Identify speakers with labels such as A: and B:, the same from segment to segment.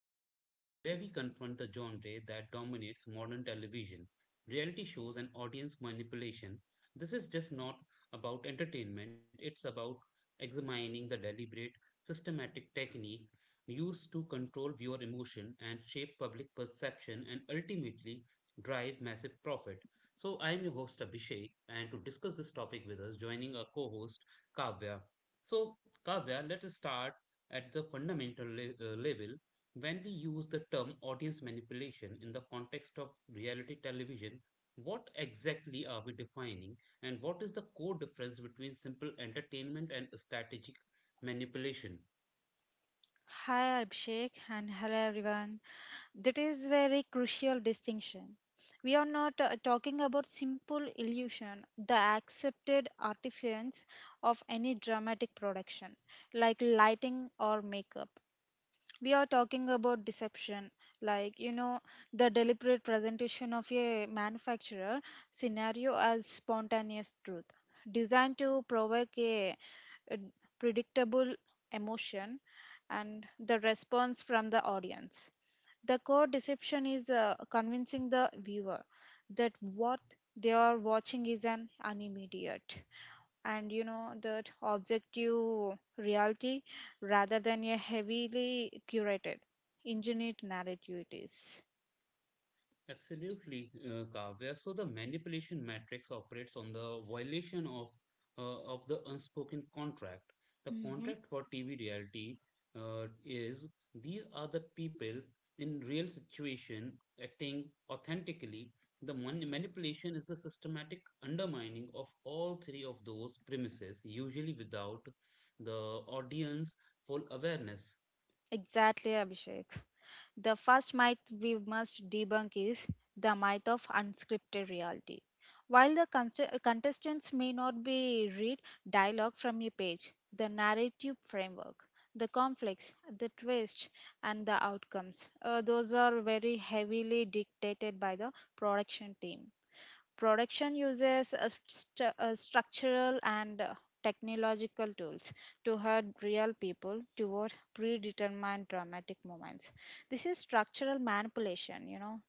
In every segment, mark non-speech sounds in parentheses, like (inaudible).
A: series where we confront the genre that dominates modern television reality shows and audience manipulation. This is just not about entertainment, it's about examining the deliberate, systematic technique used to control viewer emotion and shape public perception and ultimately drive massive profit. So, I am your host Abhishek, and to discuss this topic with us, joining our co host Kavya. So, Kavya, let us start at the fundamental level. When we use the term audience manipulation in the context of reality television, what exactly are we defining, and what is the core difference between simple entertainment and strategic manipulation?
B: Hi Abhishek and hello everyone. That is very crucial distinction. We are not talking about simple illusion, the accepted artifice of any dramatic production like lighting or makeup. We are talking about deception, like you know the deliberate presentation of a manufacturer scenario as spontaneous truth, designed to provoke a predictable emotion and the response from the audience. The core deception is convincing the viewer that what they are watching is an animediate and that objective reality rather than a heavily curated, engineered narrative it is.
A: Absolutely, Kavya. So the manipulation matrix operates on the violation of of the unspoken contract. The
B: Mhm.
A: contract for TV reality is these are the people in real situation acting authentically. The manipulation is the systematic undermining of all three of those premises, usually without the audience full awareness.
B: Exactly, Abhishek. The first myth we must debunk is the myth of unscripted reality. While the contestants may not be read dialogue from a page, the narrative framework, the conflicts, the twists, and the outcomes, those are very heavily dictated by the production team. Production uses a structural and technological tools to herd real people toward predetermined dramatic moments. This is structural manipulation, you know.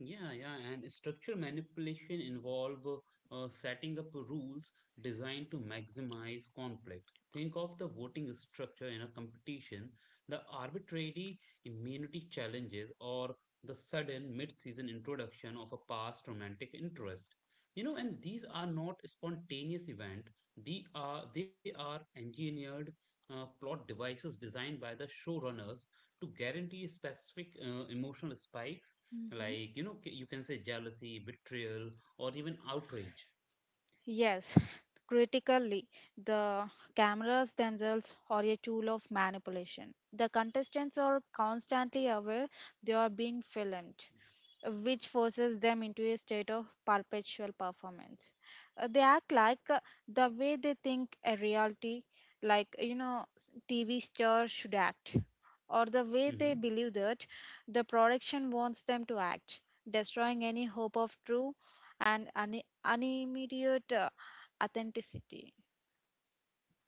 A: Yeah, and structure manipulation involve setting up rules designed to maximize conflict. Think of the voting structure in a competition, the arbitrary immunity challenges, or the sudden mid-season introduction of a past romantic interest. You know, and these are not spontaneous events. They are engineered plot devices designed by the showrunners to guarantee specific emotional spikes, like you know you can say jealousy, betrayal, or even outrage.
B: Yes, critically, the cameras themselves are a tool of manipulation. The contestants are constantly aware they are being filmed, which forces them into a state of perpetual performance. They act like the way they think a reality, TV star should act, or the way they
A: Hmm
B: believe that the production wants them to act, destroying any hope of true and an immediate authenticity.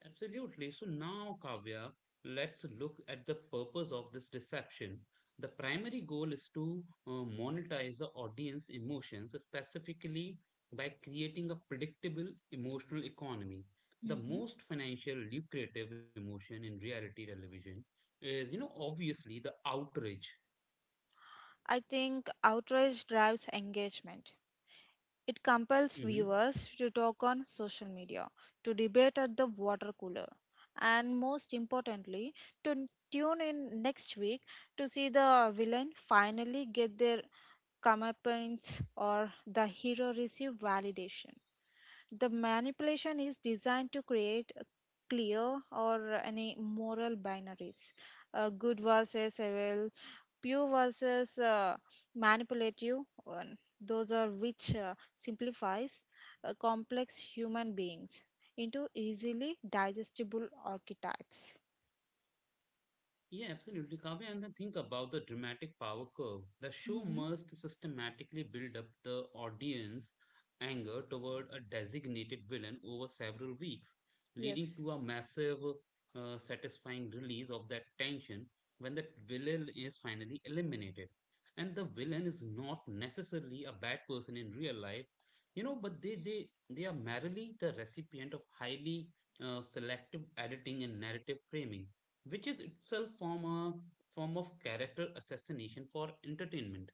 A: absolutely. So now, Kavya, let's look at the purpose of this deception. The primary goal is to monetize the audience emotions, specifically by creating a predictable emotional economy. The
B: Hmm.
A: most financial lucrative emotion in reality television is, you know, obviously the outrage.
B: I think outrage drives engagement. It compels viewers to talk on social media, to debate at the water cooler, and most importantly, to tune in next week to see the villain finally get their comeuppance or the hero receive validation. The manipulation is designed to create a clear or any moral binaries. Good versus evil, pure versus manipulative. Those are which simplifies complex human beings into easily digestible archetypes.
A: Yeah, absolutely, Kavya. And then think about the dramatic power curve. The show
B: Hmm.
A: must systematically build up the audience anger toward a designated villain over several weeks, leading
B: Yes.
A: to a massive, satisfying release of that tension when the villain is finally eliminated. And the villain is not necessarily a bad person in real life, you know, but they are merely the recipient of highly selective editing and narrative framing, which is itself form of character assassination for entertainment.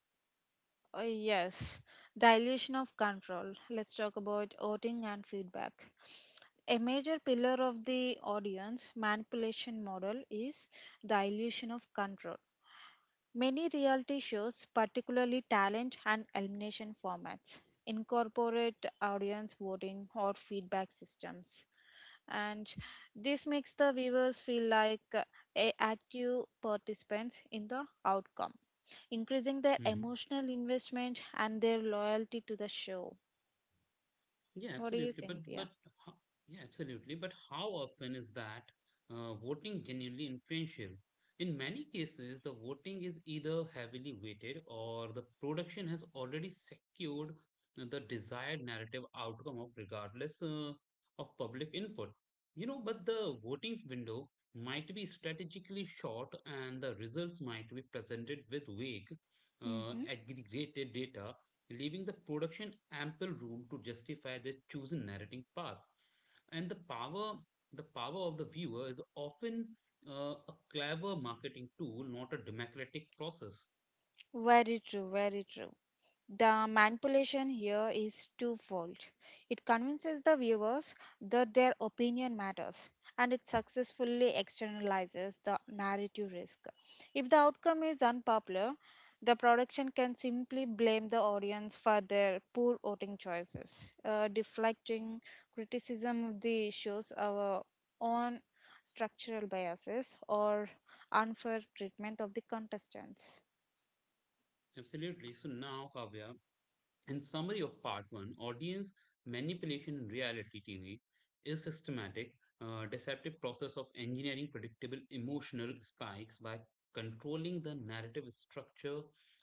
B: Yes, dilution of control. Let's talk about voting and feedback. A major pillar of the audience manipulation model is dilution of control. Many reality shows, particularly talent and elimination formats, incorporate audience voting or feedback systems. And this makes the viewers feel like active participants in the outcome, increasing their
A: Mhm.
B: emotional investment and their loyalty to the show.
A: Yeah,
B: What do you
A: absolutely.
B: think? Yeah.
A: Ho- yeah, absolutely. But how often is that voting genuinely influential? In many cases, the voting is either heavily weighted or the production has already secured the desired narrative outcome of regardless of public input. You know, but the voting window might be strategically short and the results might be presented with vague,
B: Mm-hmm.
A: aggregated data, leaving the production ample room to justify their chosen narrating path. And the power of the viewer is often a clever marketing tool, not a democratic process.
B: Very true, very true. The manipulation here is twofold. It convinces the viewers that their opinion matters, and it successfully externalizes the narrative risk. If the outcome is unpopular, the production can simply blame the audience for their poor voting choices, deflecting criticism of the show's our own structural biases or unfair treatment of the contestants.
A: Absolutely. So now, Kavya, in summary of part one, audience manipulation in reality TV is systematic, deceptive process of engineering predictable emotional spikes by controlling the narrative structure,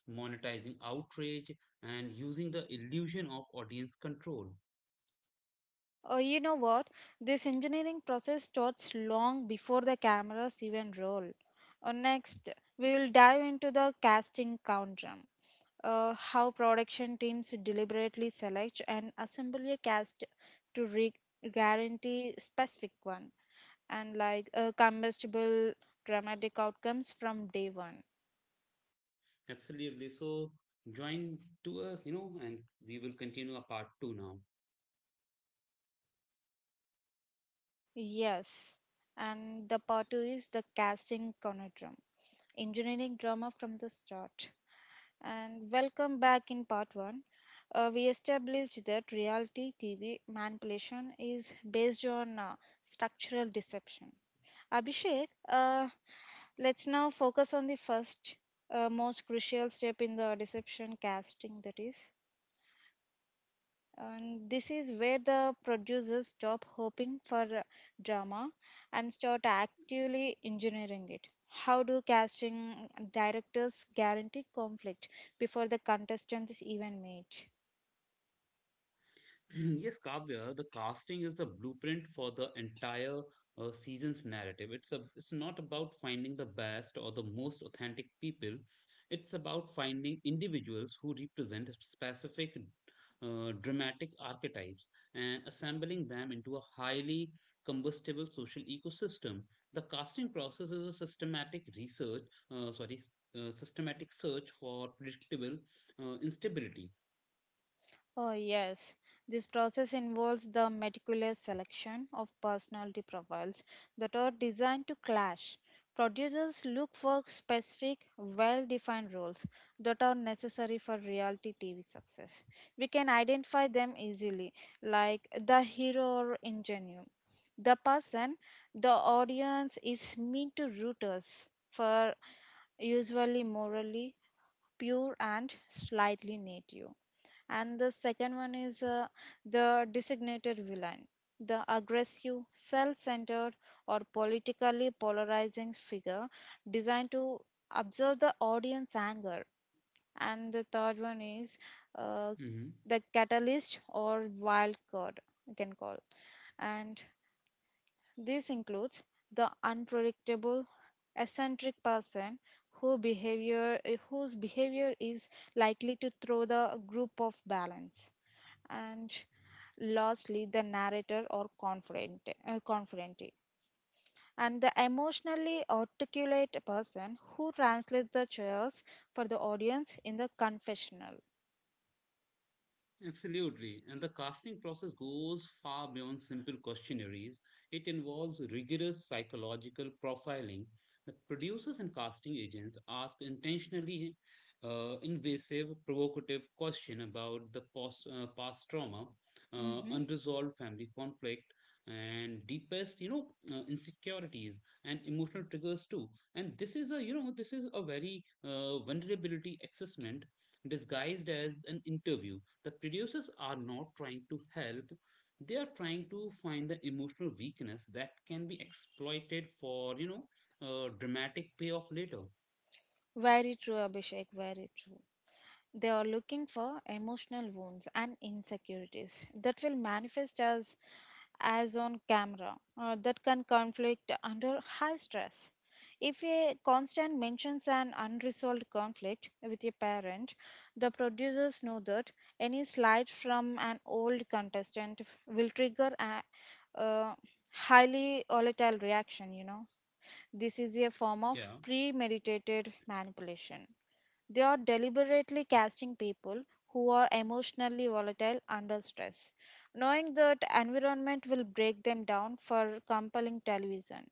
A: monetizing outrage, and using the illusion of audience control.
B: Oh, you know what? This engineering process starts long before the cameras even roll. Next, we will dive into the casting count drum. How production teams deliberately select and assemble a cast to guarantee specific one and like combustible dramatic outcomes from day one.
A: Absolutely. So join to us, you know, and we will continue our part two now.
B: Yes, and the part two is the casting conundrum, engineering drama from the start. And welcome back in part one. We established that reality TV manipulation is based on structural deception. Abhishek, let's now focus on the first, most crucial step in the deception casting that is. And this is where the producers stop hoping for drama and start actively engineering it. How do casting directors guarantee conflict before the contestants is even made?
A: (clears throat) Yes, Kavya, the casting is the blueprint for the entire season's narrative. It's not about finding the best or the most authentic people. It's about finding individuals who represent specific dramatic archetypes and assembling them into a highly combustible social ecosystem. The casting process is a systematic uh, sorry, s- systematic search for predictable instability.
B: Oh, yes. This process involves the meticulous selection of personality profiles that are designed to clash. Producers look for specific, well defined roles that are necessary for reality TV success. We can identify them easily, like the hero or ingenue. The person the audience is meant to root us for, usually morally pure and slightly native. And the second one is the designated villain, the aggressive, self-centered, or politically polarizing figure designed to observe the audience anger. And the third one is uh,
A: Mm-hmm.
B: the catalyst or wild card, you can call. And this includes the unpredictable, eccentric person who behavior, whose behavior is likely to throw the group off balance. And lastly, the narrator or confidante. And the emotionally articulate person who translates the chaos for the audience in the confessional.
A: Absolutely. And the casting process goes far beyond simple questionnaires. It involves rigorous psychological profiling. The producers and casting agents ask intentionally invasive, provocative questions about the past trauma,
B: Mhm.
A: unresolved family conflict, and deepest, you know, insecurities and emotional triggers too. And this is this is a very vulnerability assessment disguised as an interview. The producers are not trying to help, they are trying to find the emotional weakness that can be exploited for, you know, dramatic payoff later.
B: Very true, Abhishek, very true. They are looking for emotional wounds and insecurities that will manifest as on camera that can conflict under high stress. If a constant mentions an unresolved conflict with a parent, the producers know that any slide from an old contestant will trigger a highly volatile reaction, you know. This is a form of
A: Yeah.
B: premeditated manipulation. They are deliberately casting people who are emotionally volatile under stress, knowing that environment will break them down for compelling television.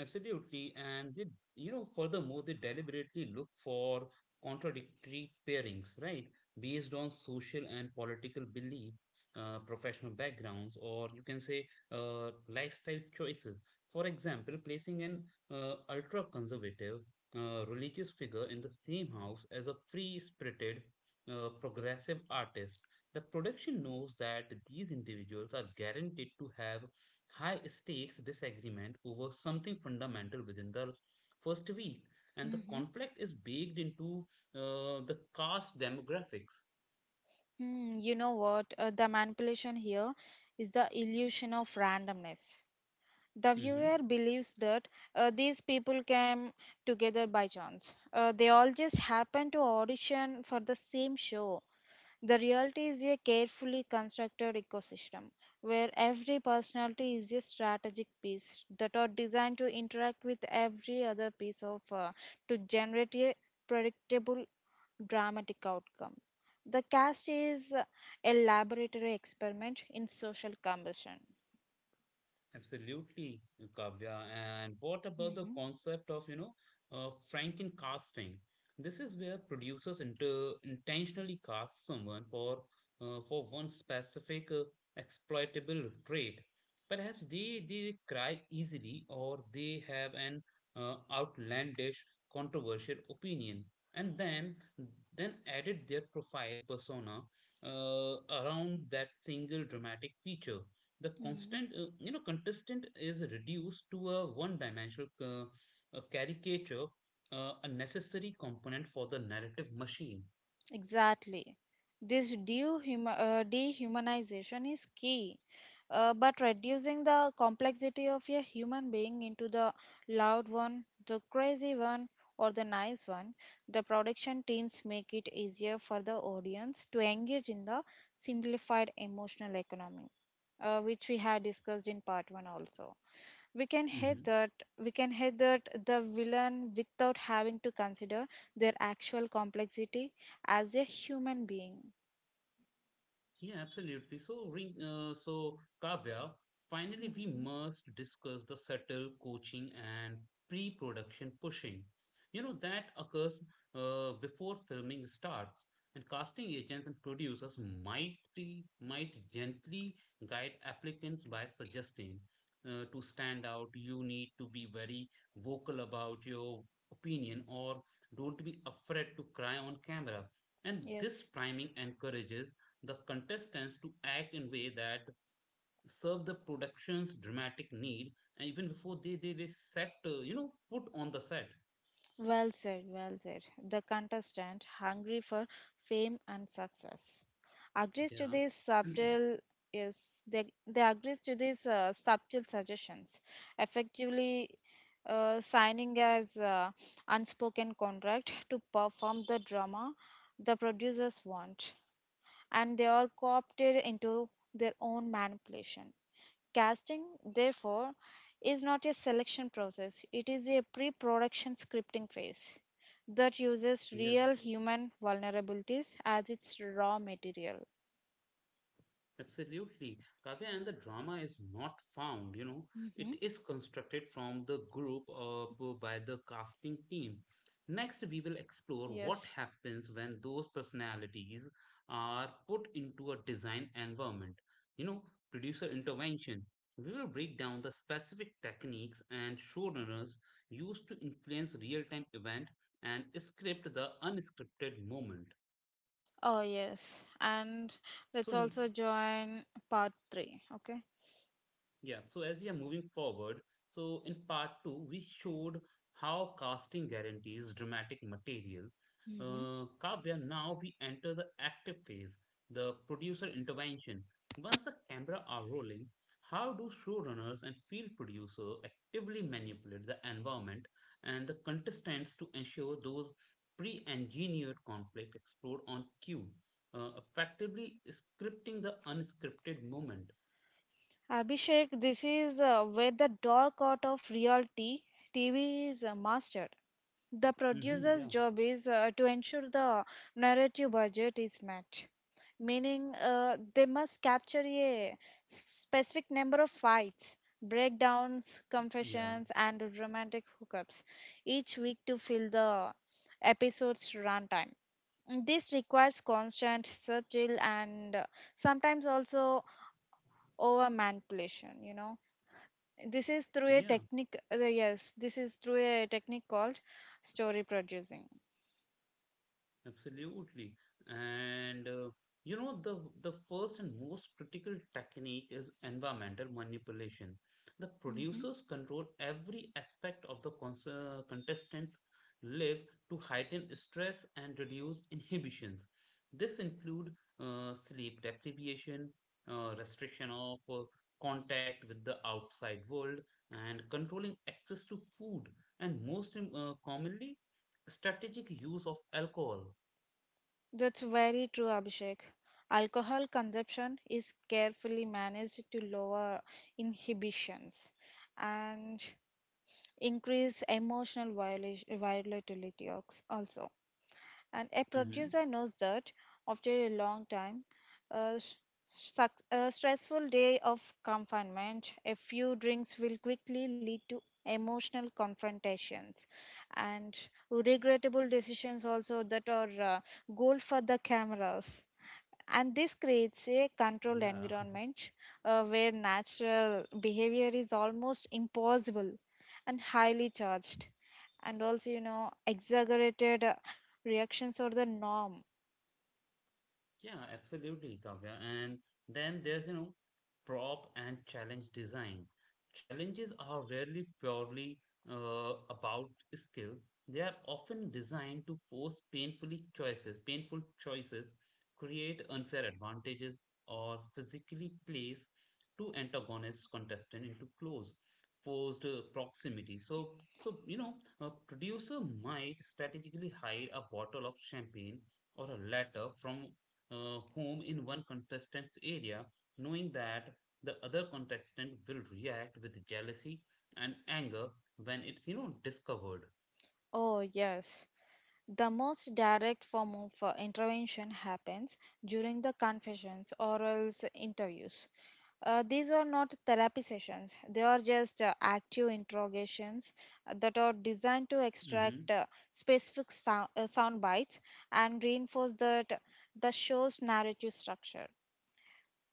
A: Absolutely. And they, you know, furthermore, they deliberately look for contradictory pairings, right? Based on social and political belief, professional backgrounds, or you can say lifestyle choices. For example, placing an ultra conservative religious figure in the same house as a free spirited progressive artist. The production knows that these individuals are guaranteed to have high stakes disagreement over something fundamental within the first week, and the
B: Hmm.
A: conflict is baked into the caste demographics.
B: Hmm, you know what? The manipulation here is the illusion of randomness. The
A: Mhm.
B: viewer believes that these people came together by chance. They all just happened to audition for the same show. The reality is a carefully constructed ecosystem where every personality is a strategic piece that are designed to interact with every other piece of to generate a predictable dramatic outcome. The cast is a laboratory experiment in social combustion.
A: Absolutely, Kavya. And what about the
B: Mhm.
A: concept of, you know, Franken casting? This is where producers inter intentionally cast someone for one specific exploitable trait. Perhaps they cry easily or they have an outlandish, controversial opinion, and then edit their profile persona uh, around that single dramatic feature. The constant you know contestant is reduced to a one-dimensional, a caricature, a necessary component for the narrative machine.
B: Exactly. This dehumanization is key, but reducing the complexity of a human being into the loud one, the crazy one, or the nice one, the production teams make it easier for the audience to engage in the simplified emotional economy, which we had discussed in part one also. We can hit that we can hit that the villain without having to consider their actual complexity as a human being.
A: Yeah, absolutely. So, Kavya, finally, we
B: Mhm.
A: must discuss the subtle coaching and pre-production pushing. You know, that occurs before filming starts, and casting agents and producers might gently guide applicants by suggesting, to stand out, you need to be very vocal about your opinion, or don't be afraid to cry on camera. And this
B: Yes,
A: priming encourages the contestants to act in a way that serve the production's dramatic need, and even before they set foot on the set.
B: well said, well said. The contestant, hungry for fame and success, agrees to
A: Yeah
B: these
A: (clears throat)
B: subtle. Yes, they agrees to these subtle suggestions, effectively signing as unspoken contract to perform the drama the producers want, and they are co-opted into their own manipulation. Casting, therefore, is not a selection process, it is a pre production scripting phase that uses real
A: Yes.
B: human vulnerabilities as its raw material.
A: Absolutely. Kavya, and the drama is not found, you know, it
B: Mhm.
A: is constructed from the group by the casting team. Next, we will explore what
B: Yes.
A: happens when those personalities are put into a design environment, you know, producer intervention. We will break down the specific techniques and showrunners used to influence real-time event and script the unscripted moment.
B: Oh, yes. And
A: So,
B: let's also join part three. Okay.
A: yeah, so as we are moving forward, so in part two, we showed how casting guarantees dramatic material.
B: Hmm.
A: Kavya, now we enter the active phase, the producer intervention. Once the camera are rolling, how do showrunners and field producer actively manipulate the environment and the contestants to ensure those pre-engineered conflict explored on cue, effectively scripting the unscripted moment?
B: Abhishek, this is where the dark art of reality TV is mastered. The
A: hmm
B: producer's
A: yeah.
B: job is to ensure the narrative budget is met, meaning they must capture a specific number of fights, breakdowns,
A: Yeah.
B: confessions, and romantic hookups each week to fill the episode's runtime. This requires constant, subtle, and sometimes also over manipulation. You know,
A: Yeah,
B: this is through a technique called story producing.
A: Absolutely. And you know, the first and most critical technique is environmental manipulation. The
B: Mhm.
A: producers control every aspect of the contestants' live to heighten stress and reduce inhibitions. This include sleep deprivation, restriction of contact with the outside world, and controlling access to food, and commonly, strategic use of alcohol.
B: That's very true, Abhishek. Alcohol consumption is carefully managed to lower inhibitions and increase emotional volatility also. And a
A: Mm-hmm.
B: producer knows that after a long time, a, s- a stressful day of confinement, a few drinks will quickly lead to emotional confrontations and regrettable decisions also that are gold for the cameras. And this creates a
A: Uh,
B: controlled
A: yeah. (laughs)
B: environment where natural behavior is almost impossible, and highly charged and also you know exaggerated reactions are the norm.
A: Yeah, absolutely, Kavya. And then there's, you know, prop and challenge design. Challenges are rarely purely about skill. They are often designed to painful choices, create unfair advantages, or physically place two antagonist contestants into close, forced proximity. You know, a producer might strategically hide a bottle of champagne or a letter from home in one contestant's area, knowing that the other contestant will react with jealousy and anger when it's, you know, discovered.
B: Oh yes. The most direct form of intervention happens during the confessions or interviews. These are not therapy sessions, they are just active interrogations that are designed to
A: Hmm
B: extract specific sound bites and reinforce that the show's narrative structure.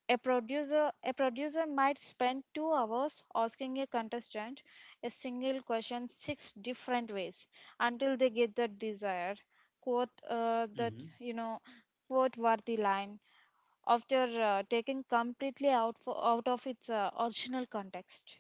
B: A producer might spend 2 hours asking a contestant a single question six different ways until they get the desired quote that
A: hmm
B: you know quote worthy line after taking completely out of its original context.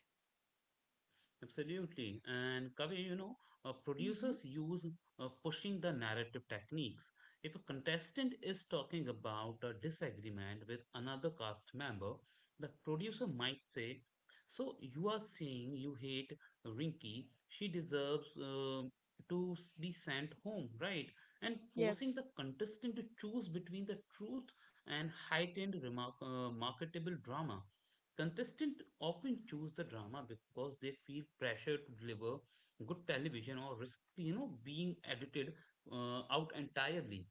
A: Absolutely. And Kavya, you know,
B: Mhm.
A: producers use pushing the narrative techniques. If a contestant is talking about a disagreement with another cast member, the producer might say, so you are saying you hate Rinky, she deserves, be sent home, right? And forcing
B: Yes.
A: the contestant to choose between the truth and marketable drama. Contestants often choose the drama because they feel pressure to deliver good television or risk, you know, being edited out entirely.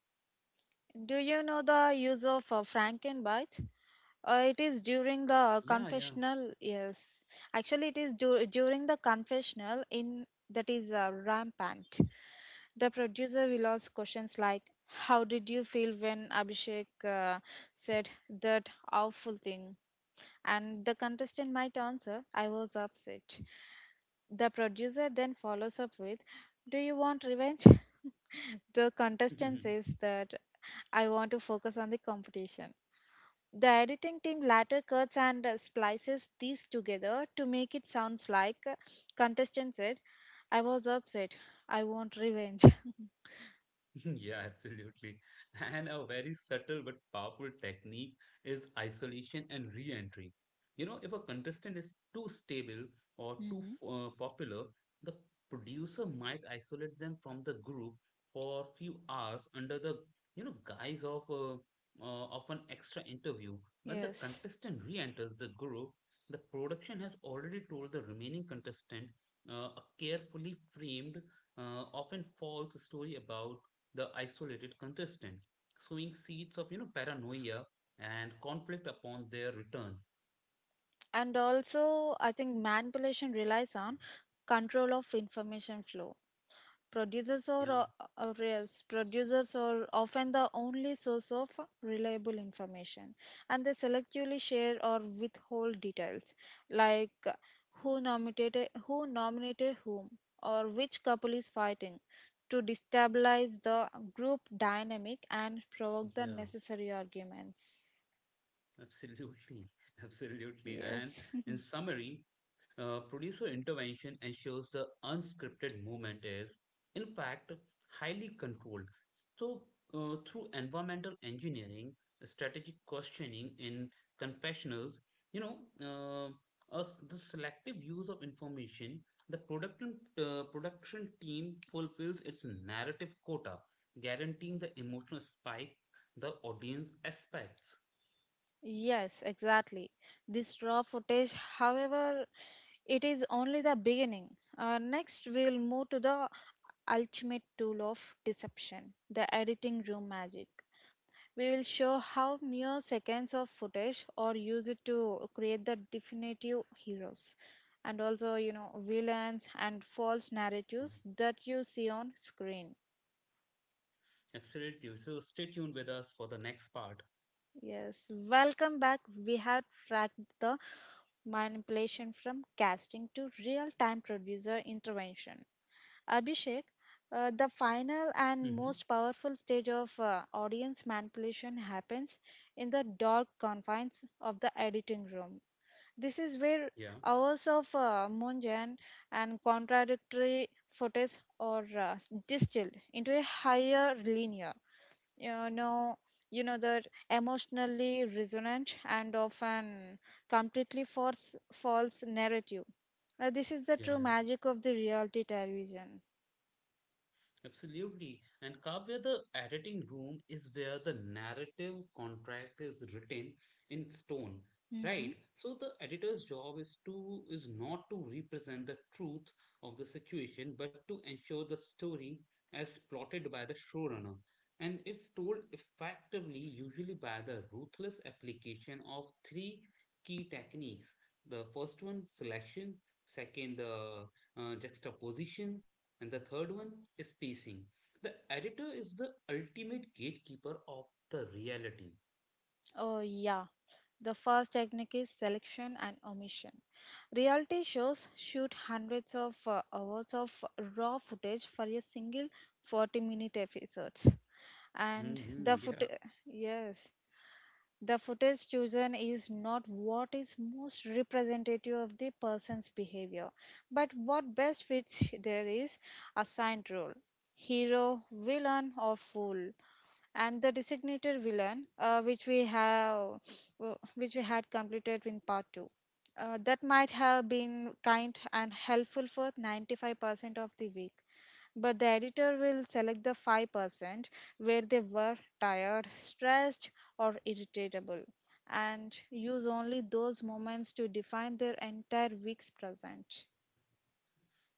B: Do you know the use of Frankenbite? It is during the
A: Yeah, yeah.
B: confessional, yes. Actually, it is during the confessional in that is rampant. The producer will ask questions like, "How did you feel when Abhishek said that awful thing?" And the contestant might answer, "I was upset." The producer then follows up with, "Do you want revenge?" (laughs) The contestant
A: (laughs)
B: says that, "I want to focus on the competition." The editing team later cuts and splices these together to make it sounds like contestant said, I was upset. I want revenge. (laughs)
A: (laughs) Yeah, absolutely. And a very subtle but powerful technique is isolation and re-entry. You know, if a contestant is too stable or too
B: Hmm.
A: popular, the producer might isolate them from the group for a few hours under guise of an extra interview. When the
B: Yes.
A: contestant re-enters the group, the production has already told the remaining contestant a carefully framed, often false story about the isolated contestant, sowing seeds of, you know, paranoia and conflict upon their return.
B: And also, I think manipulation relies on control of information flow. Producers or
A: Yeah,
B: uh, yes, Producers are often the only source of reliable information, and they selectively share or withhold details, like who nominated whom or which couple is fighting, to destabilize the group dynamic and provoke the
A: yeah,
B: necessary arguments.
A: absolutely, (laughs) absolutely. And
B: Yes.
A: in
B: (laughs)
A: summary, producer intervention ensures the unscripted movement is, in fact, highly controlled. So, through environmental engineering, strategic questioning in confessionals, you know, us the selective use of information, the production team fulfills its narrative quota, guaranteeing the emotional spike the audience expects.
B: Yes, exactly. This raw footage, however, it is only the beginning. Next, we'll move to the ultimate tool of deception the editing room magic. We will show how mere seconds of footage are used to create the definitive heroes and also, you know, villains and false narratives that you see on screen.
A: Absolutely. So, stay tuned with us for the next part.
B: Yes, welcome back. We have tracked the manipulation from casting to real time producer intervention. Abhishek, the final and
A: Hmm
B: most powerful stage of audience manipulation happens in the dark confines of the editing room. This is where
A: Yeah.
B: hours of mundane and contradictory footage are distilled into a higher linear you know that emotionally resonant and often completely false narrative. This is the
A: Yeah,
B: true
A: yeah,
B: magic of the reality television.
A: absolutely. And Kavya, the editing room is where the narrative contract is written in stone,
B: Hmm
A: right? So the editor's job is to is not to represent the truth of the situation, but to ensure the story as plotted by the showrunner. And it's told effectively, usually by the ruthless application of three key techniques. The first one, selection. Second, the juxtaposition. And the third one is pacing. The editor is the ultimate gatekeeper of the reality.
B: oh yeah, the first technique is selection and omission. Reality shows shoot hundreds of hours of raw footage for a single 40-minute episode, and
A: hmm yeah.
B: yes the footage chosen is not what is most representative of the person's behavior, but what best fits there is assigned role: hero, villain, or fool. And the designated villain, which we had completed in part two. That might have been kind and helpful for 95% of the week, but the editor will select the 5% where they were tired, stressed, or irritable, and use only those moments to define their entire week's present.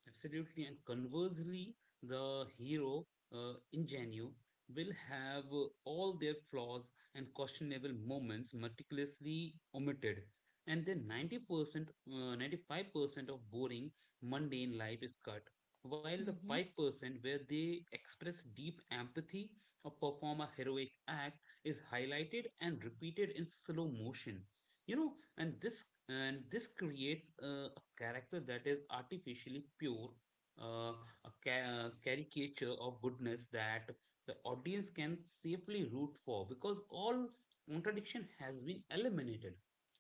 A: Absolutely. And conversely, the hero ingenue will have all their flaws and questionable moments meticulously omitted. And then 90%, 95% of boring, mundane life is cut, while the
B: Mhm.
A: 5% where they express deep empathy or perform a heroic act is highlighted and repeated in slow motion. You know, and this creates a character that is artificially pure, uh, a caricature of goodness that the audience can safely root for because all contradiction has been eliminated.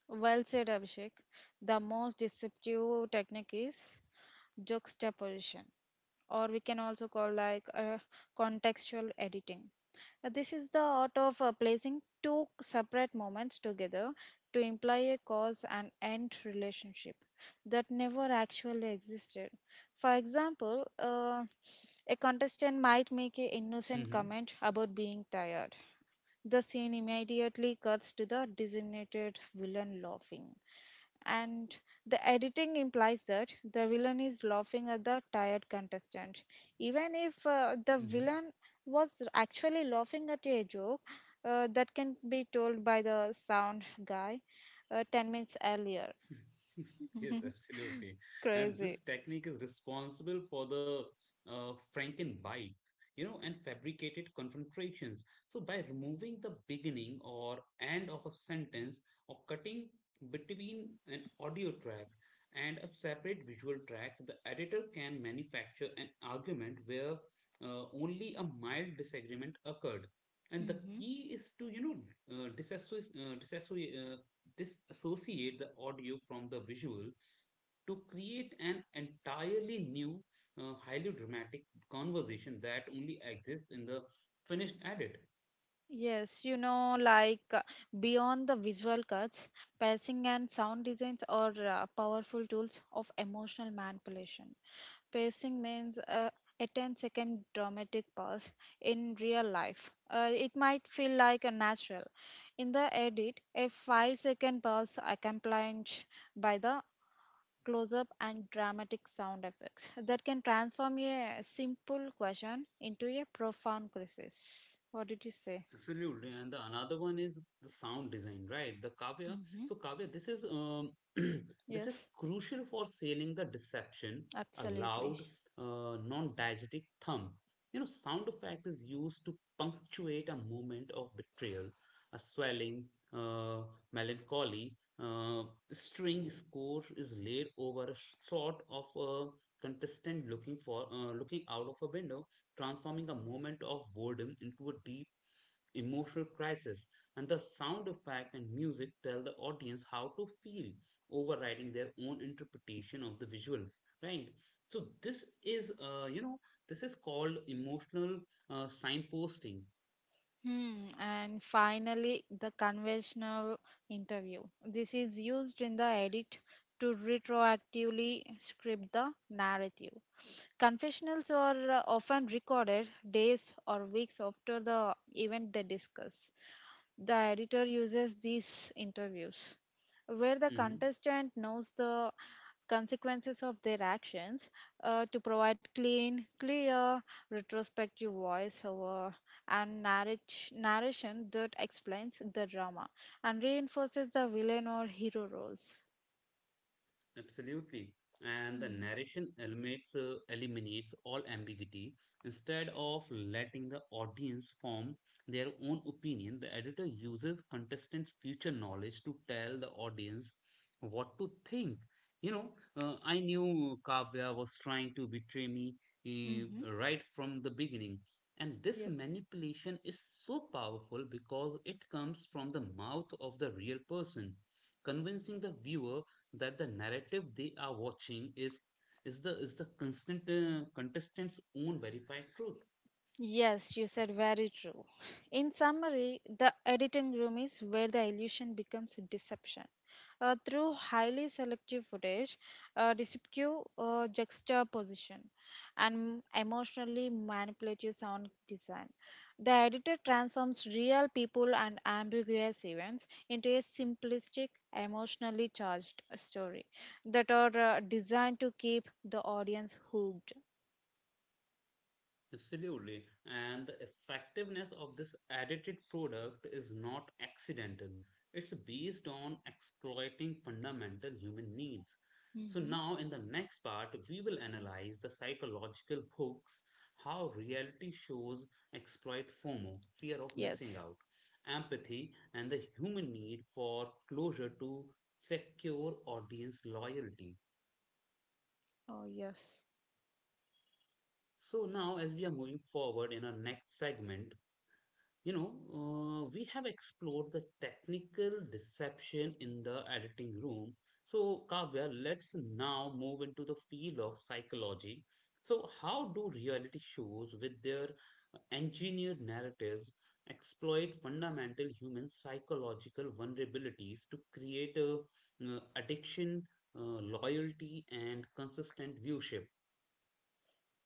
B: Well said, Abhishek. The most deceptive technique is juxtaposition, or we can also call contextual editing. This is the art of placing two separate moments together to imply a cause and end relationship that never actually existed. For example, a contestant might make an innocent
A: hmm
B: comment about being tired. The scene immediately cuts to the designated villain laughing, and the editing implies that the villain is laughing at the tired contestant, even if the
A: hmm
B: villain was actually laughing at a joke that can be told by the sound guy 10 minutes earlier.
A: (laughs) Yes,
B: (laughs)
A: absolutely. And this
B: crazy.
A: technique is responsible for the, Franken bites, and fabricated confrontations. So by removing the beginning or end of a sentence, or cutting between an audio track and a separate visual track, the editor can manufacture an argument where only a mild disagreement occurred. And the
B: Mm-hmm.
A: key is to, uh, disassoci. uh, disassociate disassociate the audio from the visual to create an entirely new, highly dramatic conversation that only exists in the finished edit.
B: Yes, beyond the visual cuts, pacing and sound designs are powerful tools of emotional manipulation. Pacing means a ten-second dramatic pause in real life. It might feel like a natural. In the edit, a 5-second pause accompanied by the close up and dramatic sound effects that can transform a simple question into a profound crisis. What did you say?
A: Absolutely. And the another one is the sound design, right, The Kavya? So Kavya, this is (clears throat) this is
B: Yes,
A: crucial for sailing the deception, a
B: absolutely.
A: loud, non-diegetic thump. You know, sound effect is used to punctuate a moment of betrayal, a swelling, uh, melancholy. Uh, String score is laid over a sort of a contestant looking out of a window, transforming a moment of boredom into a deep emotional crisis, and the sound effect and music tell the audience how to feel, overriding their own interpretation of the visuals. Right. So this is, this is called emotional, signposting.
B: Hmm. And finally, the conventional interview. This is used in the edit to retroactively script the narrative. Confessionals are often recorded days or weeks after the event they discuss. The editor uses these interviews, where the
A: Mm-hmm.
B: contestant knows the consequences of their actions, to provide clean, clear, retrospective voiceover and narration that explains the drama and reinforces the villain or hero roles.
A: Absolutely. And the narration eliminates, eliminates all ambiguity. Instead of letting the audience form their own opinion, the editor uses contestants' future knowledge to tell the audience what to think. You know, I knew Kavya was trying to betray me
B: Mm-hmm.
A: right from the beginning. And this
B: Yes.
A: manipulation is so powerful because it comes from the mouth of the real person, convincing the viewer that the narrative they are watching is the constant contestant's own verified truth.
B: Yes, you said very true. In summary, the editing room is where the illusion becomes deception. Through highly selective footage, deceptive juxtaposition, and emotionally manipulative sound design, the editor transforms real people and ambiguous events into a simplistic, emotionally charged story that are designed to keep the audience hooked.
A: Absolutely. And the effectiveness of this edited product is not accidental. It's based on exploiting fundamental human needs. So
B: Hmm
A: now, in the next part, we will analyze the psychological hooks, how reality shows exploit FOMO, fear of missing
B: Yes.
A: out, empathy, and the human need for closure to secure audience loyalty.
B: Oh, yes.
A: So now, as we are moving forward in our next segment, we have explored the technical deception in the editing room. So, Kavya, let's now move into the field of psychology. So how do reality shows, with their engineered narratives, exploit fundamental human psychological vulnerabilities to create a, addiction, loyalty, and consistent viewership?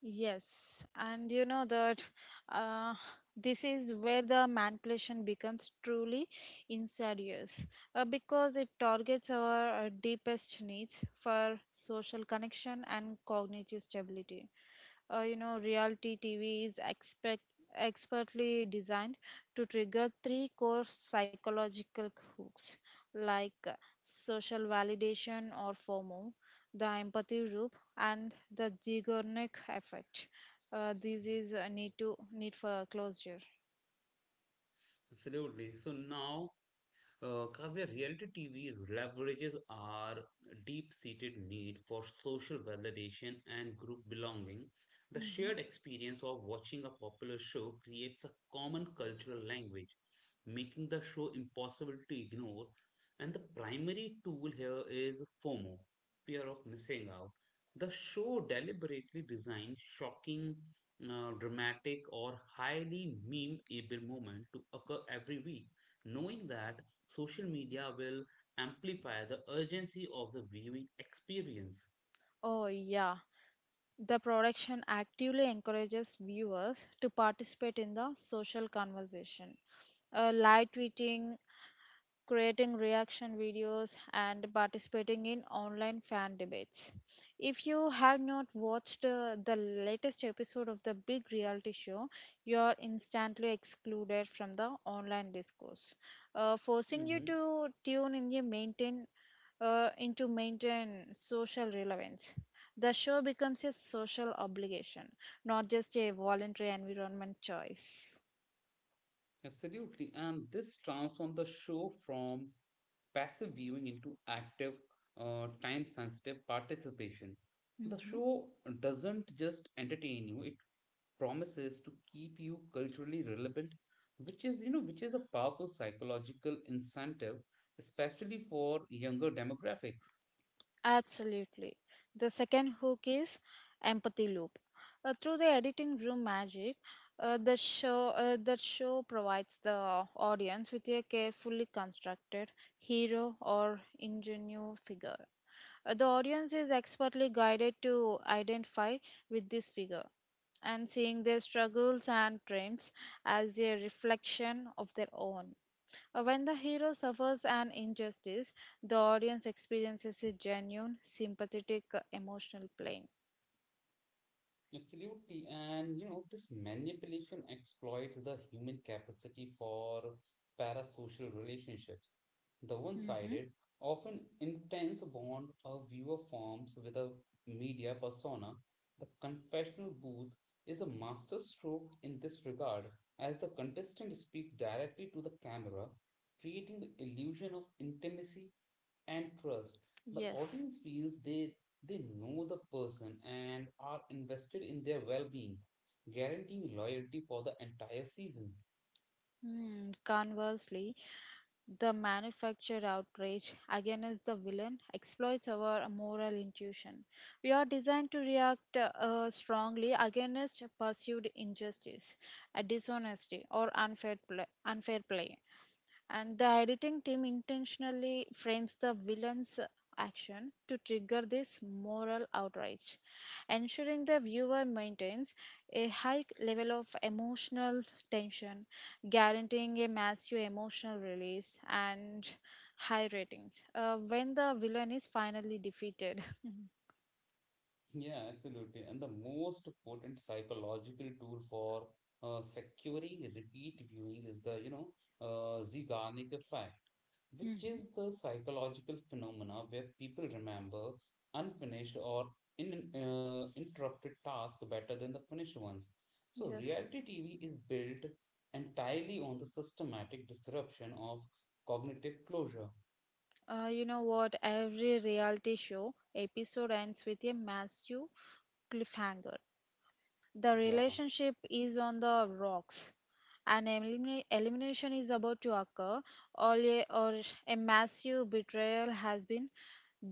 B: Yes, and you know that uh, this is where the manipulation becomes truly insidious because it targets our deepest needs for social connection and cognitive stability. You know, reality TV is expertly designed to trigger three core psychological hooks, like uh, social validation or FOMO, the empathy loop, and the Zigornik effect. This is a need for closure.
A: Absolutely. So now Kavya, reality TV leverages our deep-seated need for social validation and group belonging. The
B: Mhm.
A: shared experience of watching a popular show creates a common cultural language, making the show impossible to ignore. And the primary tool here is FOMO, fear of missing out. The show deliberately designed shocking, dramatic, or highly meme-able moment to occur every week, knowing that social media will amplify the urgency of the viewing experience.
B: Oh, yeah. The production actively encourages viewers to participate in the social conversation: live tweeting, creating reaction videos, and participating in online fan debates. If you have not watched the latest episode of the big reality show, you are instantly excluded from the online discourse, forcing you
A: hmm
B: to tune in and maintain social relevance. The show becomes a social obligation, not just a voluntary environment choice.
A: Absolutely. And this transforms the show from passive viewing into active, time sensitive participation. The
B: Hmm
A: show doesn't just entertain you, it promises to keep you culturally relevant, which is, which is a powerful psychological incentive, especially for younger demographics.
B: Absolutely. The second hook is empathy loop. Through the editing room magic, the show that show provides the audience with a carefully constructed hero or ingenuous figure. The audience is expertly guided to identify with this figure, and seeing their struggles and triumphs as a reflection of their own. When the hero suffers an injustice, the audience experiences a genuine, sympathetic, emotional pain.
A: Absolutely. And, this manipulation exploits the human capacity for parasocial relationships. The
B: Hmm
A: one-sided, often intense bond a viewer forms with a media persona, the confessional booth is a masterstroke in this regard, as the contestant speaks directly to the camera, creating the illusion of intimacy and trust. The
B: Yes.
A: audience feels they know the person and are invested in their well-being, guaranteeing loyalty for the entire season. (laughs)
B: Hmm, Conversely, the manufactured outrage against the villain exploits our moral intuition. We are designed to react strongly against pursued injustice, dishonesty, or unfair play. And the editing team intentionally frames the villain's action to trigger this moral outrage, ensuring the viewer maintains a high level of emotional tension, guaranteeing a massive emotional release and high ratings when the villain is finally defeated. (laughs)
A: Yeah, absolutely. And the most potent psychological tool for securing repeat viewing is the, Zeigarnik effect, which is
B: hmm
A: the psychological phenomena where people remember unfinished or interrupted tasks better than the finished ones. So
B: Yes.
A: reality TV is built entirely on the systematic disruption of cognitive closure.
B: You know what? Every reality show episode ends with a massive cliffhanger. The
A: Yeah,
B: relationship is on the rocks. An elimination is about to occur, or a massive betrayal has been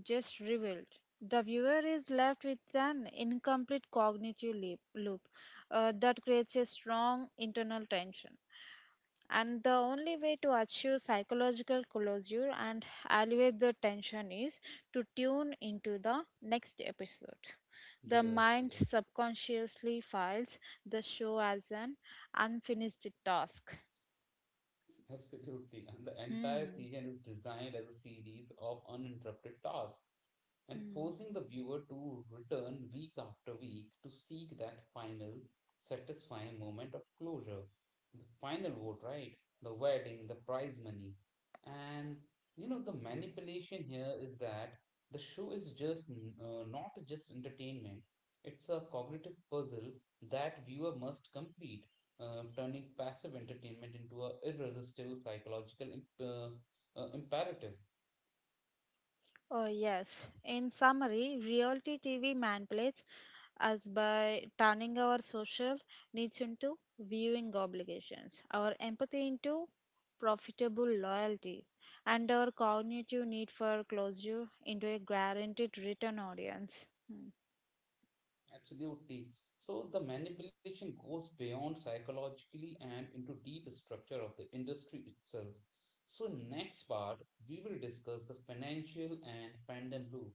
B: just revealed. The viewer is left with an incomplete cognitive loop that creates a strong internal tension. And the only way to achieve psychological closure and alleviate the tension is to tune into the next episode. The
A: yes,
B: mind
A: yes.
B: subconsciously files the show as an unfinished task.
A: Absolutely. And the entire
B: Hmm.
A: season is designed as a series of uninterrupted tasks, and
B: hmm.
A: forcing the viewer to return week after week to seek that final satisfying moment of closure. The final vote, right? The wedding, the prize money. And the manipulation here is that the show is just, not just entertainment, it's a cognitive puzzle that viewer must complete, turning passive entertainment into an irresistible psychological imperative.
B: Oh, yes. In summary, reality TV manipulates us by turning our social needs into viewing obligations, our empathy into profitable loyalty, and our cognitive need for closure into a guaranteed return audience. Hmm.
A: Absolutely. So the manipulation goes beyond psychologically and into deep structure of the industry itself. So next part, we will discuss the financial and fandom loop,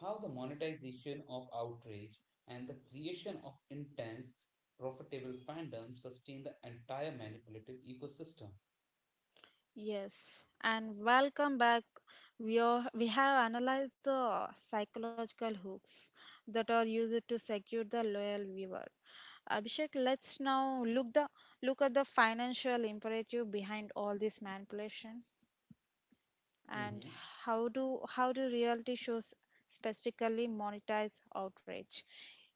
A: how the monetization of outrage and the creation of intense, profitable fandom sustain the entire manipulative ecosystem.
B: Yes, and welcome back. We have analyzed the psychological hooks that are used to secure the loyal viewer. Abhishek, let's now look at the financial imperative behind all this manipulation, and
A: Mhm.
B: how do reality shows specifically monetize outrage,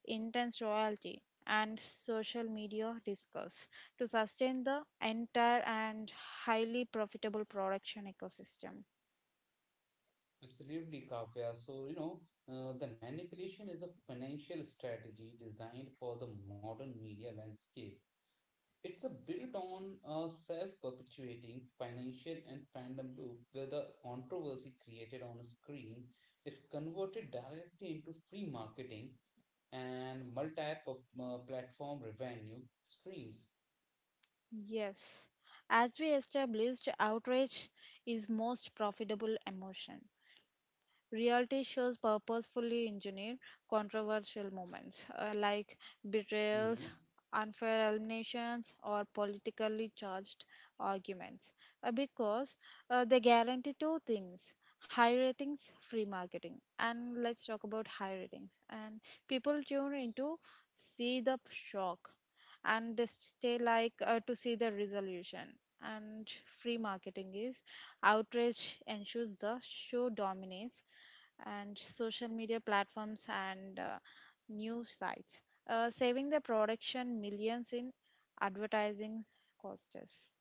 B: intense royalty, and social media discourse to sustain the entire and highly profitable production ecosystem.
A: Absolutely, Kavya. So, the manipulation is a financial strategy designed for the modern media landscape. It's a built on a self-perpetuating financial and fandom loop where the controversy created on a screen is converted directly into free marketing and multi-platform revenue streams.
B: Yes, as we established, outrage is most profitable emotion. Reality shows purposefully engineer controversial moments , like betrayals,
A: hmm
B: unfair eliminations, or politically charged arguments, because they guarantee two things: high ratings, free marketing. And let's talk about high ratings. And people tune in to see the shock, and they stay to see the resolution. And free marketing is outrage ensures the show dominates and social media platforms and news sites, saving the production millions in advertising costs.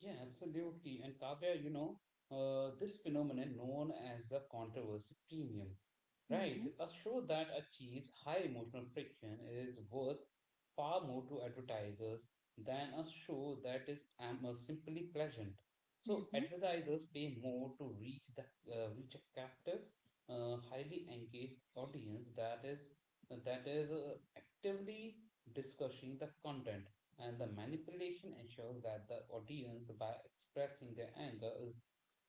A: Yeah, absolutely. And Kavya, this phenomenon known as the controversy premium. Right.
B: Mm-hmm.
A: A show that achieves high emotional friction is worth far more to advertisers than a show that simply pleasant. So
B: Mm-hmm.
A: advertisers pay more to reach a captive, highly engaged audience that is actively discussing the content, and the manipulation ensures that the audience, by expressing their anger, is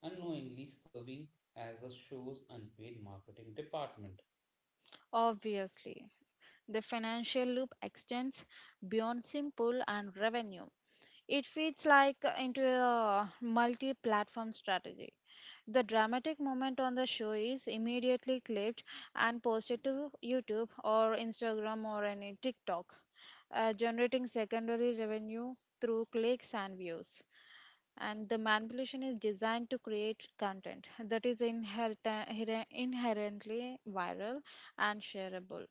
A: unknowingly serving as the show's unpaid marketing department.
B: Obviously, the financial loop extends beyond simple and revenue. It fits like into a multi platform strategy. The dramatic moment on the show is immediately clipped and posted to YouTube or Instagram or any TikTok, generating secondary revenue through clicks and views. And the manipulation is designed to create content that is inherently viral and shareable,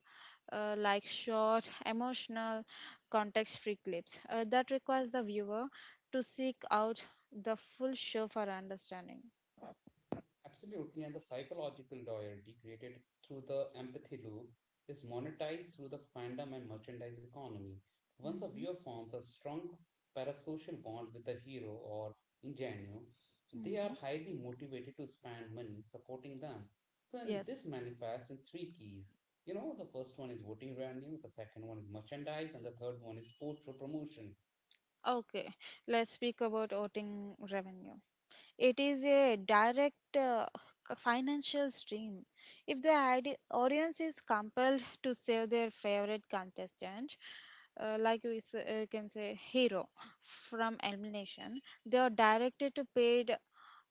B: like short, emotional, context free clips that requires the viewer to seek out the full show for understanding.
A: Absolutely, and the psychological loyalty created through the empathy loop is monetized through the fandom and merchandise economy. Once a
B: Mhm,
A: viewer forms a strong parasocial bond with the hero or ingenue, they are
B: mhm.
A: highly motivated to spend money supporting them. So, and this
B: Yes.
A: manifests in three keys. You know, the first one is voting revenue, the second one is merchandise, and the third one is portrait promotion.
B: Okay, let's speak about voting revenue. It is a direct financial stream. If the audience is compelled to save their favorite contestant, can say hero, from elimination, they are directed to paid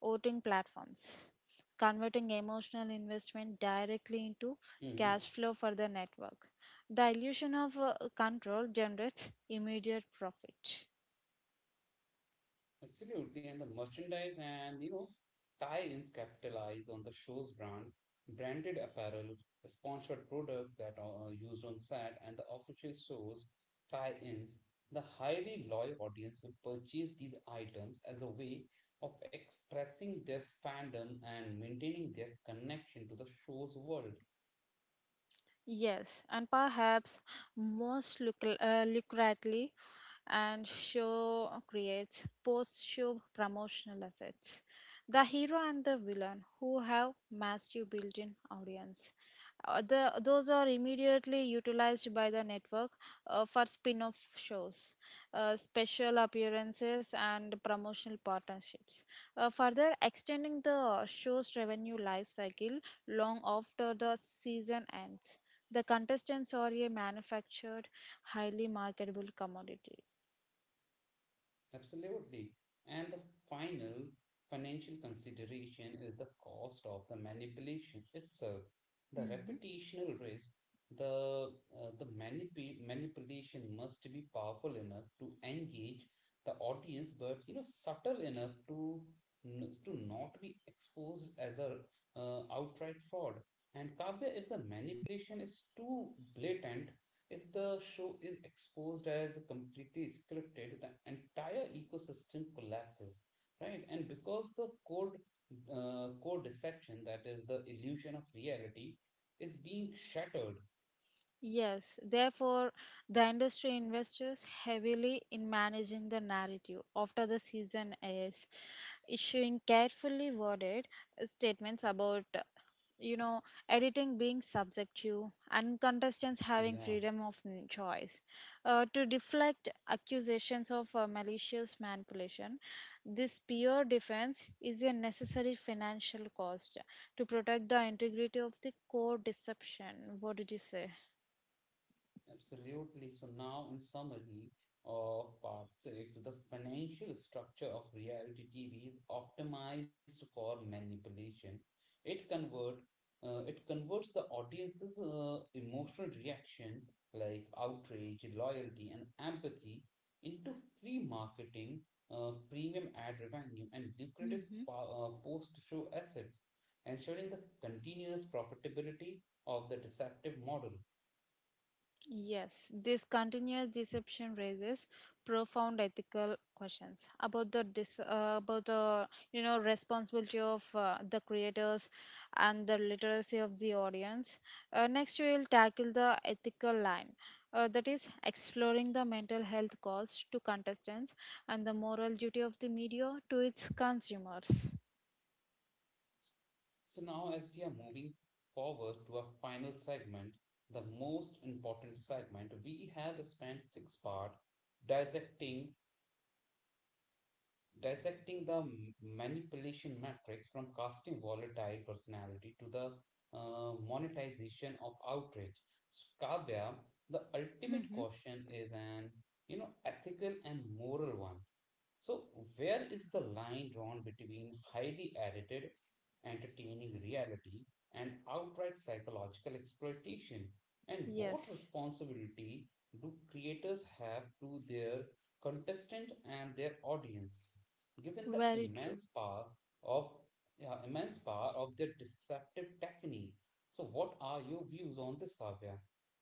B: voting platforms, converting emotional investment directly into
A: Mhm.
B: cash flow for the network. The illusion of control generates immediate profit.
A: Absolutely, and the merchandise and tie-ins capitalize on the show's brand, branded apparel, sponsored products that are used on set, and the official show's tie-ins. The highly loyal audience will purchase these items as a way of expressing their fandom and maintaining their connection to the show's world.
B: Yes, and perhaps most lucratively, and show creates post show promotional assets. The hero and the villain who have massive built in audience. Those are immediately utilized by the network for spin off shows, special appearances, and promotional partnerships. Further, extending the show's revenue life cycle long after the season ends. The contestants are a manufactured, highly marketable commodity.
A: Absolutely. And the final financial consideration is the cost of the manipulation itself, the
B: Mhm.
A: reputational risk. The manipulation must be powerful enough to engage the audience, but subtle enough to to not be exposed as a outright fraud. And Kavya, if the manipulation is too blatant, if the show is exposed as completely scripted, the entire ecosystem collapses, right? And because the code deception, that is the illusion of reality, is being shattered.
B: Yes, therefore, the industry invests heavily in managing the narrative after the season airs, issuing carefully worded statements about, you know, editing being subjective and contestants having
A: Yeah.
B: freedom of choice. To deflect accusations of malicious manipulation, this pure defense is a necessary financial cost to protect the integrity of the core deception. What did you say?
A: Absolutely. So now, in summary of part six, the financial structure of reality TV is optimized for manipulation. It convert, it converts the audience's emotional reaction, like outrage, loyalty, and empathy, into free marketing, premium ad revenue, and lucrative
B: Hmm
A: post-show assets, ensuring the continuous profitability of the deceptive model.
B: Yes, this continuous deception raises profound ethical questions about the, you know, responsibility of the creators and the literacy of the audience. Next, we will tackle the ethical line. That is exploring the mental health cost to contestants and the moral duty of the media to its consumers.
A: So now, as we are moving forward to our final segment, the most important segment, we have spent six part dissecting dissecting the manipulation matrix from casting volatile personality to the, monetization of outrage. So, Kavya, the ultimate
B: Hmm
A: question is an ethical and moral one. So where is the line drawn between highly edited, entertaining reality and outright psychological exploitation? And what
B: Yes,
A: responsibility do creators have to their contestant and their audience, given the
B: very
A: immense
B: true.
A: power of yeah, immense power of their deceptive techniques? So what are your views on this, Kavya?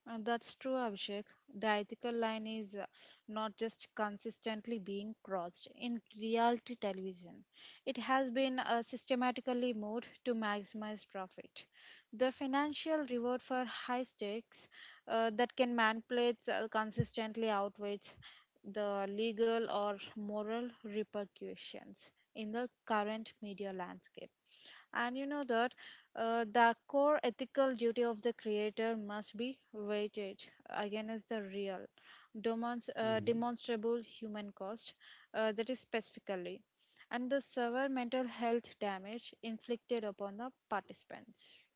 B: That's true, Abhishek. The ethical line is not just consistently being crossed in reality television, it has been systematically moved to maximize profit. The financial reward for high stakes that can manipulate consistently outweighs the legal or moral repercussions in the current media landscape. And you know that the core ethical duty of the creator must be weighted against the real, demonstrable human cost, that is specifically, and the severe mental health damage inflicted upon the participants.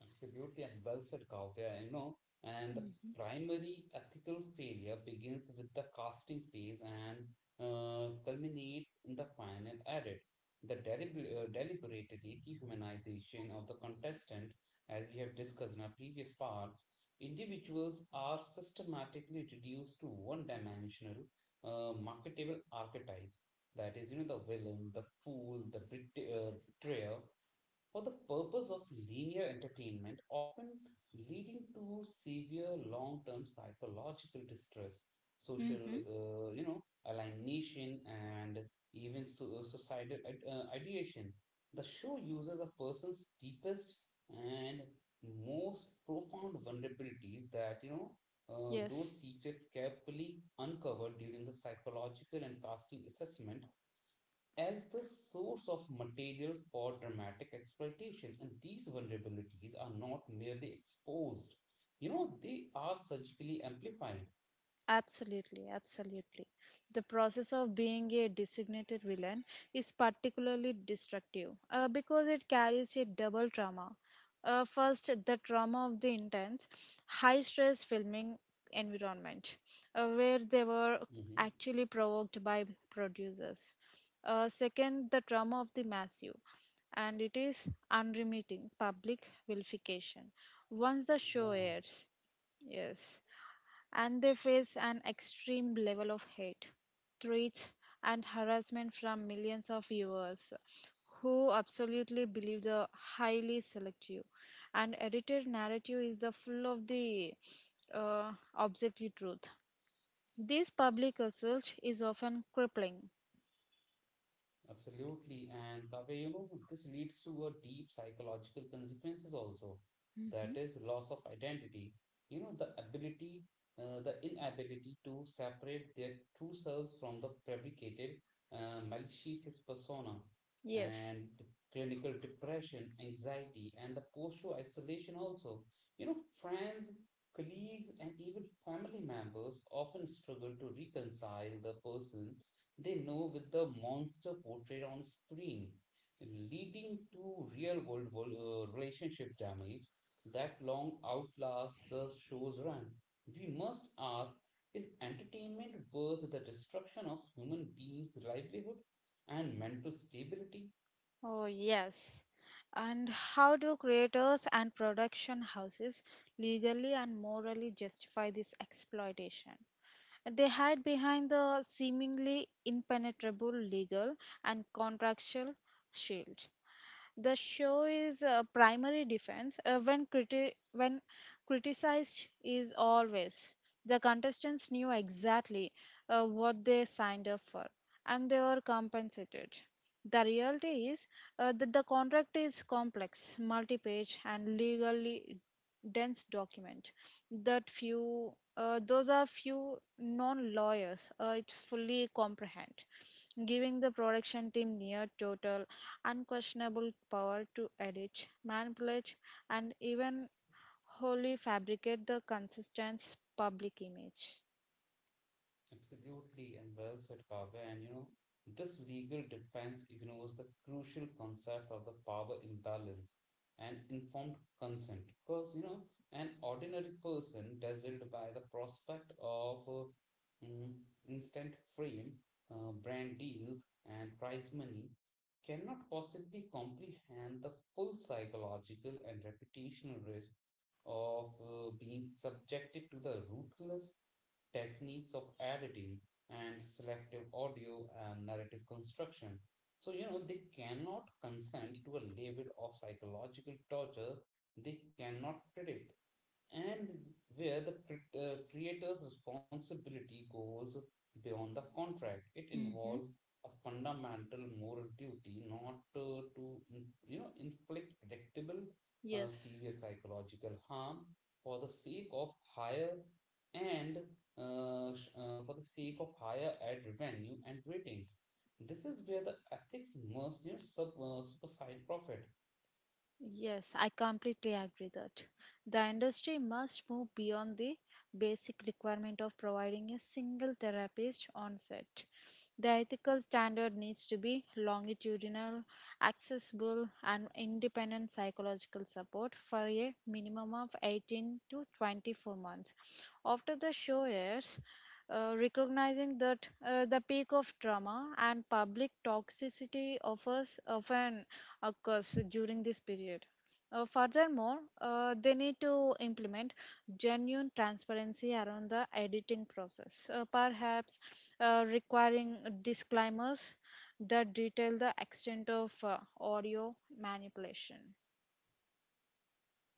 A: Absolutely, and well said, Kavya. You know, and the
B: Hmm
A: primary ethical failure begins with the casting phase and culminates in the final edit. The deliberately dehumanization of the contestant, as we have discussed in our previous parts, individuals are systematically reduced to one-dimensional, marketable archetypes. That is, the villain, the fool, the betrayer, for the purpose of linear entertainment, often leading to severe long-term psychological distress, social,
B: hmm
A: alienation, and even societal ideation. The show uses a person's deepest and most profound vulnerabilities, that,
B: Yes.
A: those secrets carefully uncovered during the psychological and casting assessment, as the source of material for dramatic exploitation. And these vulnerabilities are not merely exposed, they are surgically amplified.
B: Absolutely, absolutely. The process of being a designated villain is particularly destructive because it carries a double trauma. First, the trauma of the intense, high stress filming environment where they were
A: hmm
B: actually provoked by producers. Second, the trauma of the massive, and it is unremitting public vilification. Once the show
A: Yeah.
B: airs, yes, and they face an extreme level of hate, threats, and harassment from millions of viewers who absolutely believe the highly selective and edited narrative is the full of the objective truth. This public assault is often crippling.
A: Absolutely. And Kavya, this leads to a deep psychological consequences also.
B: Mhm.
A: That is loss of identity. You know, the inability to separate their true selves from the fabricated, malicious persona,
B: Yes.
A: and clinical depression, anxiety, and the postural isolation also. You know, friends, colleagues, and even family members often struggle to reconcile the person they know with the monster portrayed on screen, leading to real world relationship damage that long outlasts the show's run. We must ask, is entertainment worth the destruction of human beings' livelihood and mental stability?
B: Oh, yes. And how do creators and production houses legally and morally justify this exploitation? They hide behind the seemingly impenetrable legal and contractual shield. The show is a primary defense when criticized is always the contestants knew exactly what they signed up for and they were compensated. The reality is the contract is complex, multi-page, and legally dense document that few those are few non-lawyers it's fully comprehend, giving the production team near total unquestionable power to edit, manipulate, and even wholly fabricate the consistent public image.
A: Absolutely, and well said, Kavya. And you know, this legal defense ignores the crucial concept of the power imbalance and informed consent. Because, you know, an ordinary person dazzled by the prospect of instant fame, brand deals, and prize money cannot possibly comprehend the full psychological and reputational risk of being subjected to the ruthless techniques of editing and selective audio and narrative construction. So, you know, they cannot consent to a level of psychological torture they cannot predict, and where the creator's responsibility goes beyond the contract. It
B: Hmm
A: involves a fundamental moral duty not to in- you know, inflict predictable
B: Yes.
A: severe psychological harm for the sake of higher and for the sake of higher ad revenue and ratings. This is where the ethics must, you know, supersede profit.
B: Yes, I completely agree that. The industry must move beyond the basic requirement of providing a single therapist on set. The ethical standard needs to be longitudinal, accessible, and independent psychological support for a minimum of 18 to 24 months. After the show airs, recognizing that the peak of trauma and public toxicity offers often of course, during this period. Furthermore, they need to implement genuine transparency around the editing process, perhaps requiring disclaimers that detail the extent of audio manipulation.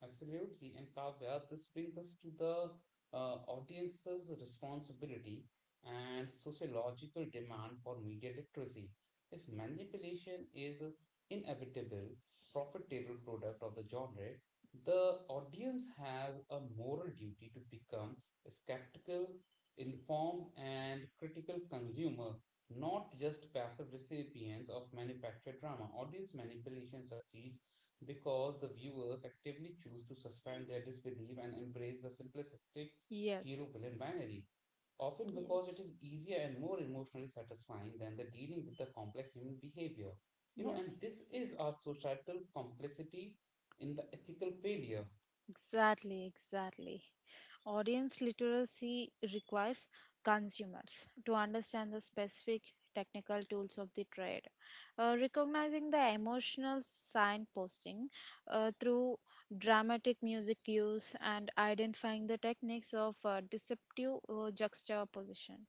A: Absolutely. And Kavya, this brings us to the audience's responsibility and sociological demand for media literacy. If manipulation is an inevitable, profitable product of the genre, the audience has a moral duty to become a skeptical, informed, and critical consumer, not just passive recipients of manufactured drama. Audience manipulation succeeds because the viewers actively choose to suspend their disbelief and embrace the simplistic hero
B: Yes,
A: villain binary, often because it
B: yes,
A: is easier and more emotionally satisfying than the dealing with the complex human behavior. You know, and
B: yes.
A: this is our societal complicity in the ethical failure.
B: Exactly, exactly. Audience literacy requires consumers to understand the specific technical tools of the trade, recognizing the emotional signposting through dramatic music use and identifying the techniques of deceptive juxtaposition,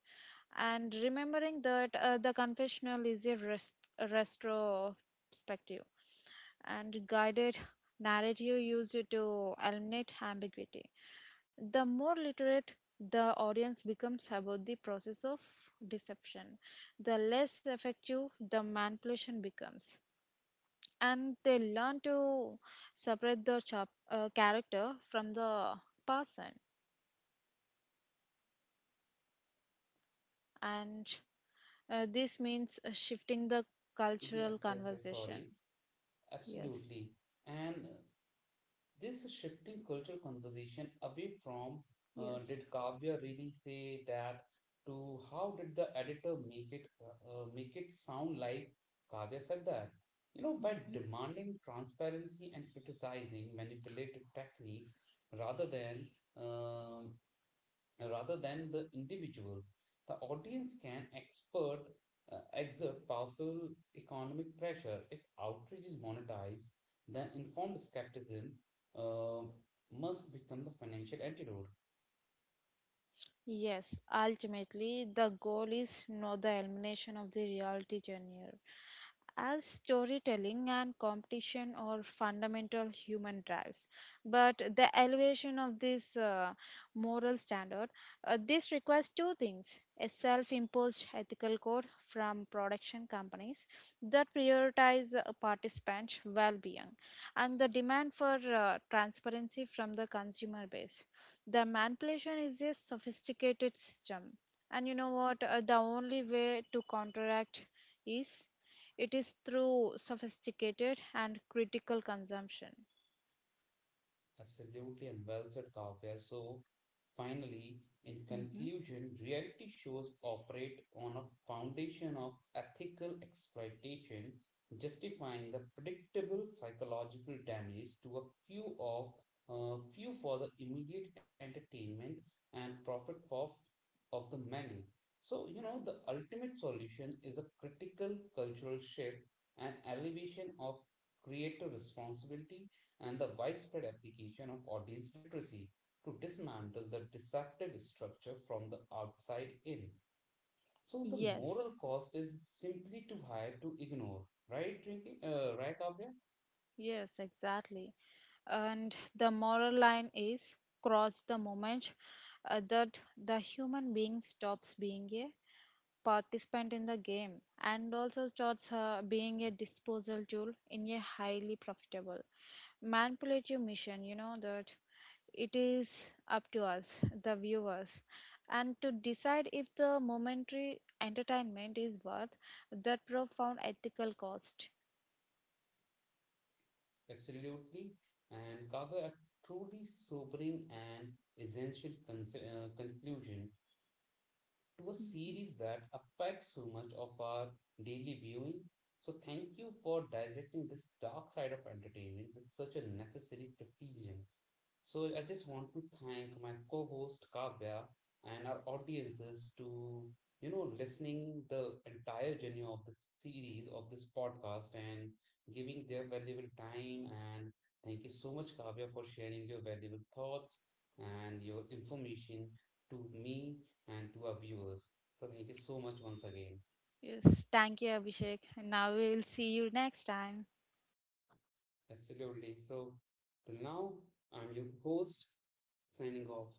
B: and remembering that the confessional is a retrospective and guided narrative used to eliminate ambiguity. The more literate the audience becomes about the process of deception, the less effective the manipulation becomes. And they learn to separate the character from the person. And this means shifting the cultural
A: Yes, yes, yes, sorry.
B: conversation. Yes,
A: Absolutely. And this shifting cultural conversation away from
B: yes.
A: did Kavya really say that, to how did the editor make it make it sound like Kavya said that? You know, by
B: Mhm.
A: demanding transparency and criticizing manipulative techniques rather than uh, rather than the individuals. The audience can exert powerful economic pressure. If outrage is monetized, then informed skepticism uh, must become the financial antidote.
B: Yes, ultimately, the goal is not the elimination of the reality genre, as storytelling and competition are fundamental human drives, but the elevation of this moral standard. This requires two things: a self imposed ethical code from production companies that prioritize participants' well being, and the demand for transparency from the consumer base. The manipulation is a sophisticated system. And you know what? The only way to counteract is it is through sophisticated and critical consumption.
A: Absolutely, and well said, Kavya. So, finally, in
B: Hmm
A: conclusion, reality shows operate on a foundation of ethical exploitation, justifying the predictable psychological damage to a few of few for the immediate entertainment and profit for of the many. So, you know, the ultimate solution is a critical cultural shift and elevation of creator responsibility and the widespread application of audience literacy to dismantle the deceptive structure from the outside in. So the
B: Yes.
A: moral cost is simply too high to ignore, right, Rinki? Right, Kavya?
B: Yes, exactly. And the moral line is crossed the moment that the human being stops being a participant in the game and also starts being a disposal tool in a highly profitable manipulative mission. You know that it is up to us, the viewers, and to decide if the momentary entertainment is worth that profound ethical cost.
A: Absolutely. And Kavya, a truly sobering and essential conclusion to a
B: Mm-hmm.
A: series that affects so much of our daily viewing. So thank you for dissecting this dark side of entertainment with such a necessary precision. So I just want to thank my co-host Kavya and our audiences to, you know, listening the entire journey of this series of this podcast and giving their valuable time, and thank you so much Kavya for sharing your valuable thoughts and your information to me and to our viewers. So thank you so much once again.
B: Yes, thank you, Abhishek. And now we will see you next time.
A: Absolutely. So till now, I'm your host, signing off.